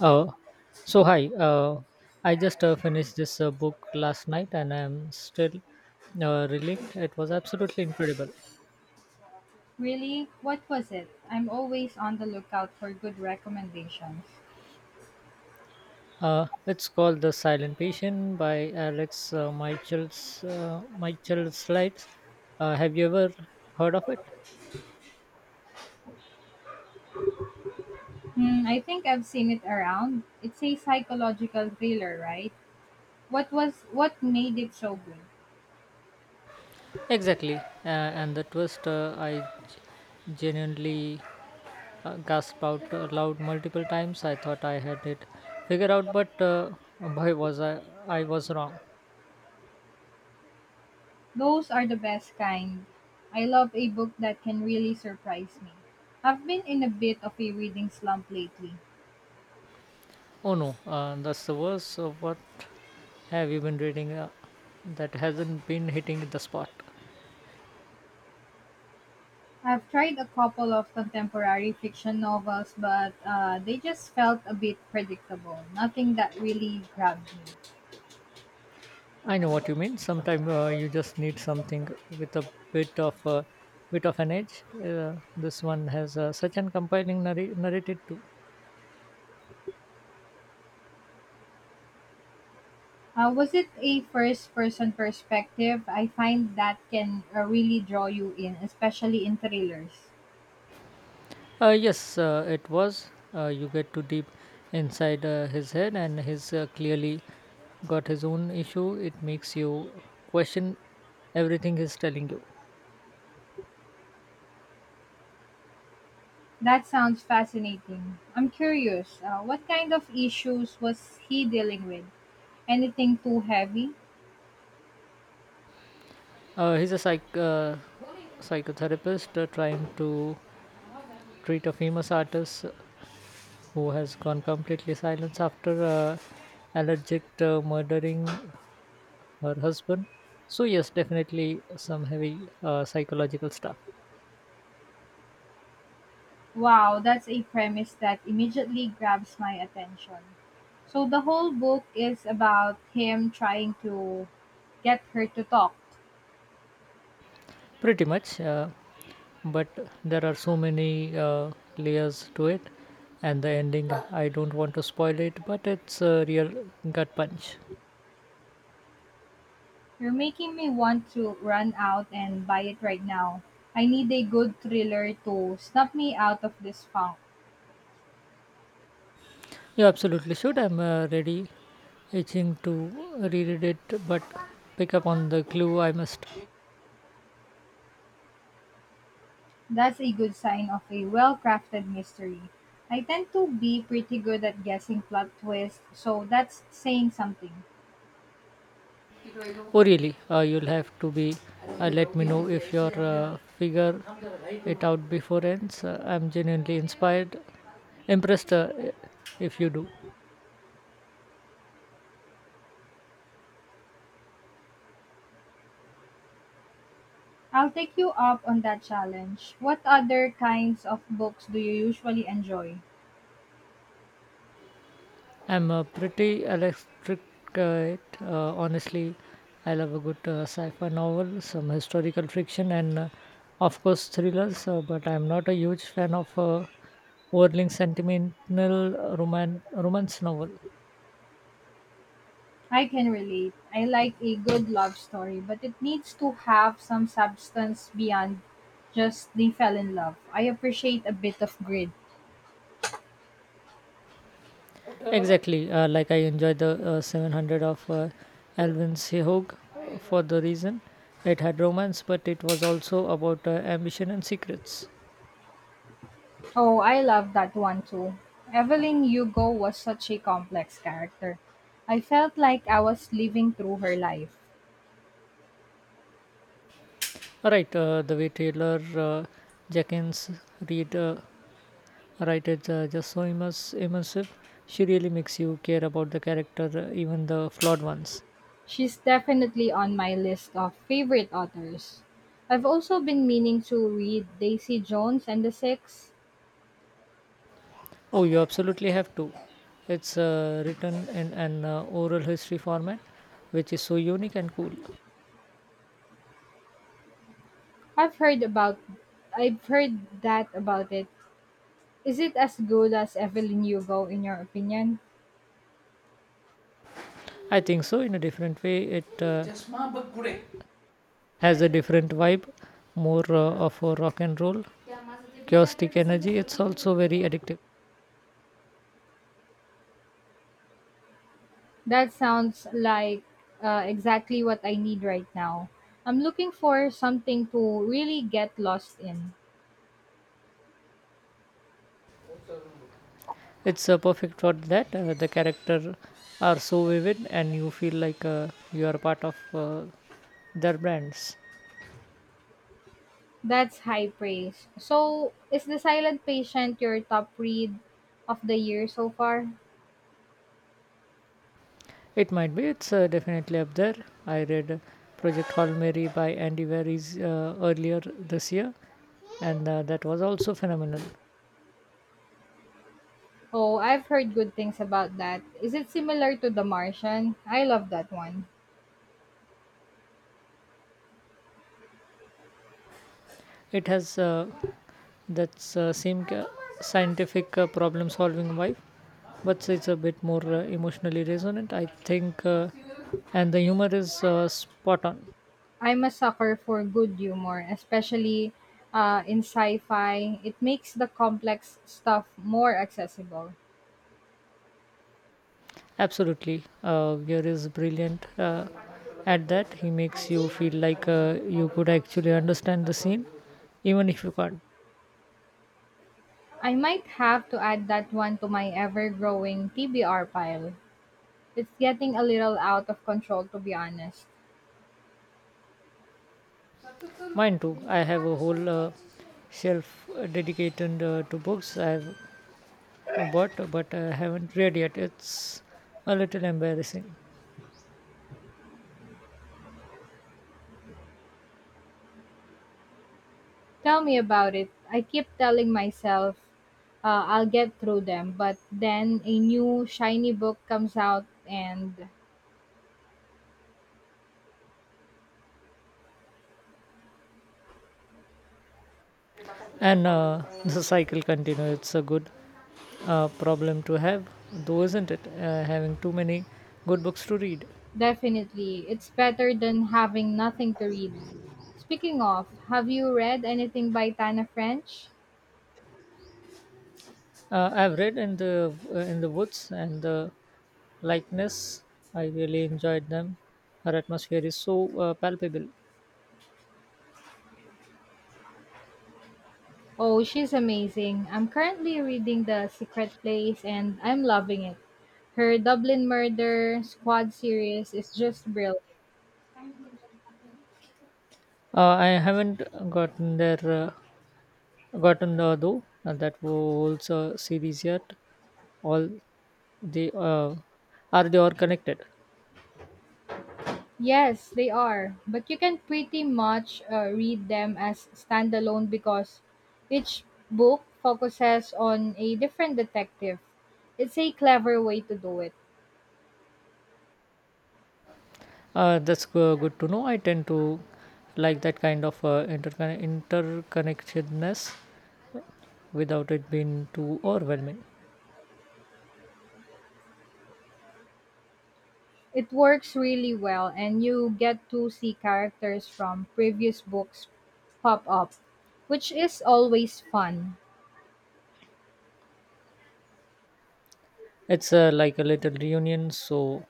Uh, so hi, I just finished this book last night and I'm still relieved. It was absolutely incredible. Really? What was it? I'm always on the lookout for good recommendations. It's called The Silent Patient by Alex Michel's Michael Slides. Have you ever heard of it? Hmm, I think I've seen it around. It's a psychological thriller, right? What made it so good? Exactly. And the twist, I genuinely gasped out loud multiple times. I thought I had it figured out, but boy, was I was wrong. Those are the best kind. I love a book that can really surprise me. I've been in a bit of a reading slump lately. Oh no, that's the worst. So what have you been reading that hasn't been hitting the spot? I've tried a couple of contemporary fiction novels, but they just felt a bit predictable. Nothing that really grabbed me. I know what you mean. Sometimes you just need something with a bit of an edge. This one has such an compelling narrative too. Was it a first person perspective? I find that can really draw you in, especially in thrillers. Yes, it was. You get too deep inside his head, and he's clearly got his own issue. It makes you question everything he's telling you. That sounds fascinating. I'm curious, what kind of issues was he dealing with? Anything too heavy? He's a psychotherapist trying to treat a famous artist who has gone completely silent after allergic murdering her husband. So yes, definitely some heavy psychological stuff. Wow, that's a premise that immediately grabs my attention. So the whole book is about him trying to get her to talk. Pretty much, but there are so many layers to it, and the ending. I don't want to spoil it, but it's a real gut punch. You're making me want to run out and buy it right now. I need a good thriller to snap me out of this funk. You absolutely should. I'm ready, itching to reread it, but pick up on the clue I must. That's a good sign of a well crafted mystery. I tend to be pretty good at guessing plot twists, so that's saying something. Oh, really? You'll have to be. Let me know if you're figure it out before ends. I'm genuinely inspired, impressed if you do. I'll take you up on that challenge. What other kinds of books do you usually enjoy? I'm a pretty electric honestly. I love a good sci-fi novel, some historical fiction, and of course thrillers. But I'm not a huge fan of overly sentimental romance novel. I can relate. I like a good love story, but it needs to have some substance beyond just they fell in love. I appreciate a bit of grit. Exactly, like I enjoy the 700 of Alvin Sehog for the reason it had romance, but it was also about ambition and secrets. Oh, I love that one too. Evelyn Hugo was such a complex character. I felt like I was living through her life. All right, the way Taylor Jenkins read. Right, it's just so immersive. She really makes you care about the character, even the flawed ones. She's definitely on my list of favorite authors. I've also been meaning to read Daisy Jones and the Six. Oh, you absolutely have to. It's written in an oral history format, which is so unique and cool. I've heard about I've heard that about it. Is it as good as Evelyn Hugo in your opinion? I think so. In a different way, it has a different vibe, more of a rock and roll chaotic energy. It's also very addictive. That sounds like exactly what I need right now. I'm looking for something to really get lost in. It's perfect for that. The characters are so vivid and you feel like you are part of their brands. That's high praise. So, is The Silent Patient your top read of the year so far? It might be. It's definitely up there. I read Project Hail Mary by Andy Weir earlier this year, and that was also phenomenal. Oh, I've heard good things about that. Is it similar to The Martian? I love that one. It has that same scientific problem-solving vibe, but it's a bit more emotionally resonant, I think, and the humor is spot on. I'm a sucker for good humor, especially in sci fi. It makes the complex stuff more accessible. Absolutely. Gear is brilliant at that. He makes you feel like you could actually understand the scene, even if you can't. I might have to add that one to my ever growing TBR pile. It's getting a little out of control, to be honest. Mine too. I have a whole shelf dedicated to books I've bought, but I haven't read yet. It's a little embarrassing. Tell me about it. I keep telling myself I'll get through them, but then a new shiny book comes out and And the cycle continues. It's a good problem to have, though, isn't it? Having too many good books to read. definitely. It's better than having nothing to read. Speaking of, have you read anything by Tana French? I've read In the Woods and the Likeness. I really enjoyed them. Her atmosphere is so palpable. Oh, she's amazing. I'm currently reading The Secret Place and I'm loving it. Her Dublin Murder Squad series is just brilliant. I haven't gotten there gotten though that whole series yet. All the are they all connected? Yes, they are, but you can pretty much read them as standalone because each book focuses on a different detective. It's a clever way to do it. That's good to know. I tend to like that kind of interconnectedness without it being too overwhelming. It works really well, and you get to see characters from previous books pop up, which is always fun. It's like a little reunion. So,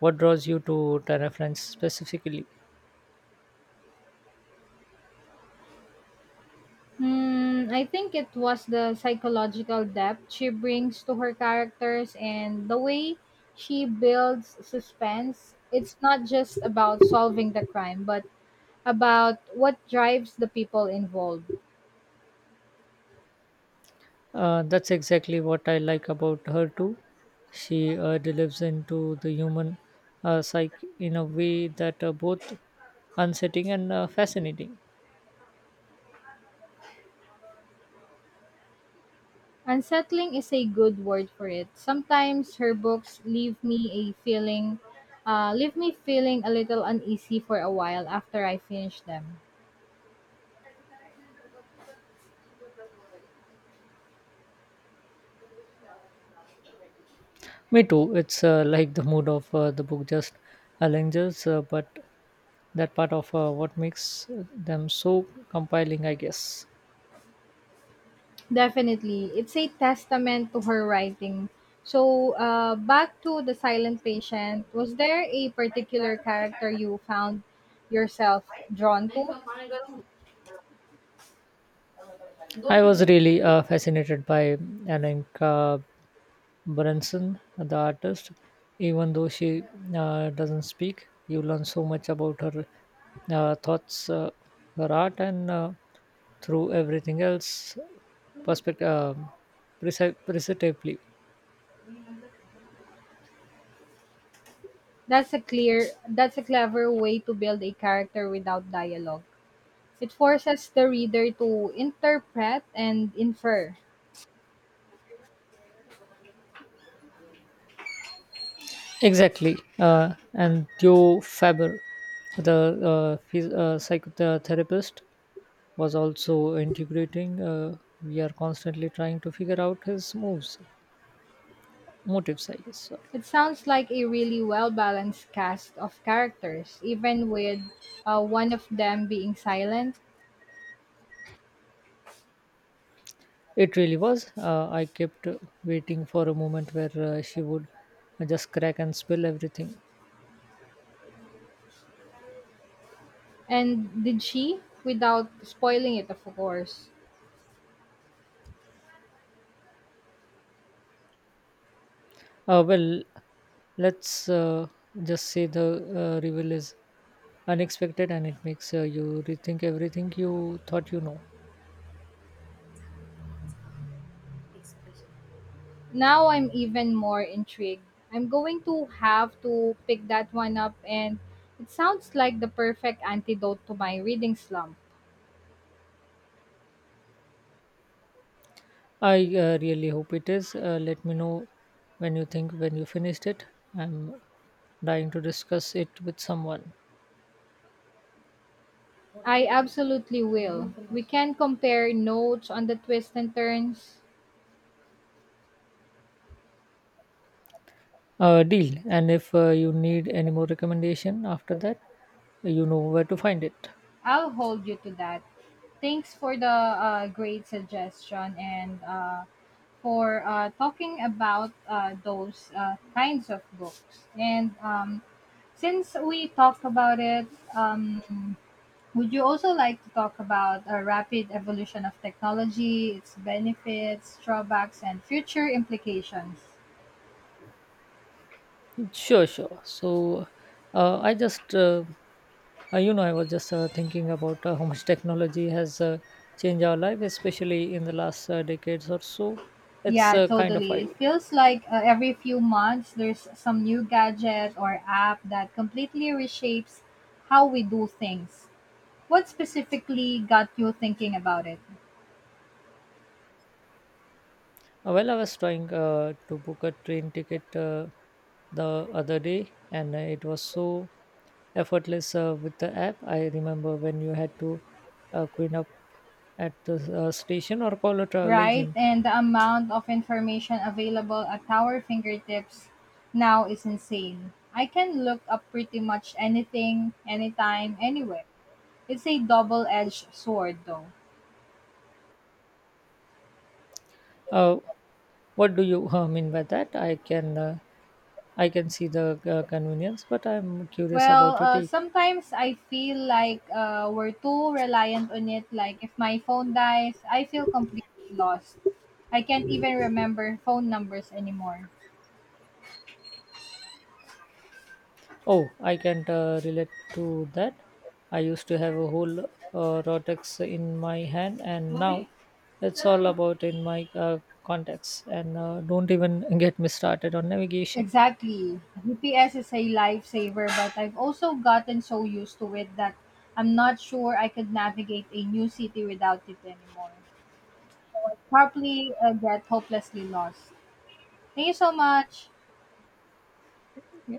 what draws you to Tara France specifically? Hmm, I think it was the psychological depth she brings to her characters and the way she builds suspense. It's not just about solving the crime, but about what drives the people involved. That's exactly what I like about her too. She delves into the human psyche in a way that both unsettling and fascinating. Unsettling is a good word for it. Sometimes her books leave me feeling a little uneasy for a while after I finish them. Me too. It's like the mood of the book just lingers, but that part of what makes them so compelling, I guess. Definitely, it's a testament to her writing. So, back to the silent patient. Was there a particular character you found yourself drawn to? I was really fascinated by Alenka Branson, the artist, even though she doesn't speak, you learn so much about her thoughts, her art, and through everything else, perspective, precisely. That's a clear. That's a clever way to build a character without dialogue. It forces the reader to interpret and infer. Exactly. And Theo Faber, the psychotherapist, was also integrating. We are constantly trying to figure out his moves, motives, I guess. So. It sounds like a really well balanced cast of characters, even with one of them being silent. It really was. I kept waiting for a moment where she would just crack and spill everything. And did she? Without spoiling it, of course. Well, let's just say the reveal is unexpected and it makes you rethink everything you thought you know. Now I'm even more intrigued. I'm going to have to pick that one up, and it sounds like the perfect antidote to my reading slump. I really hope it is. Let me know when you finished it. I'm dying to discuss it with someone. I absolutely will. We can compare notes on the twists and turns. Deal. And if you need any more recommendation after that, you know where to find it. I'll hold you to that. Thanks for the great suggestion and for talking about those kinds of books. And since we talked about it, um, would you also like to talk about a rapid evolution of technology, its benefits, drawbacks, and future implications? Sure, sure. So, uh, I just, uh, I was just thinking about how much technology has changed our life, especially in the last decades or so. It's Yeah, kind of totally. It wild. feels like every few months there's some new gadget or app that completely reshapes how we do things. What specifically got you thinking about it? Well, I was trying to book a train ticket the other day, and it was so effortless with the app. I remember when you had to queue up at the station or call a travel Right? agent. And the amount of information available at our fingertips now is insane. I can look up pretty much anything, anytime, anywhere. It's a double edged sword, though. Uh, What do you mean by that? I can see the convenience, but I'm curious Well, about your take. sometimes I feel like we're too reliant on it. Like, if my phone dies, I feel completely lost. I can't even remember phone numbers anymore. Oh, I can't relate to that. I used to have a whole rotex in my hand, and now it's all about in my contacts. And don't even get me started on navigation. Exactly. GPS is a lifesaver, but I've also gotten so used to it that I'm not sure I could navigate a new city without it anymore. So I probably get hopelessly lost. Thank you so much. Yeah.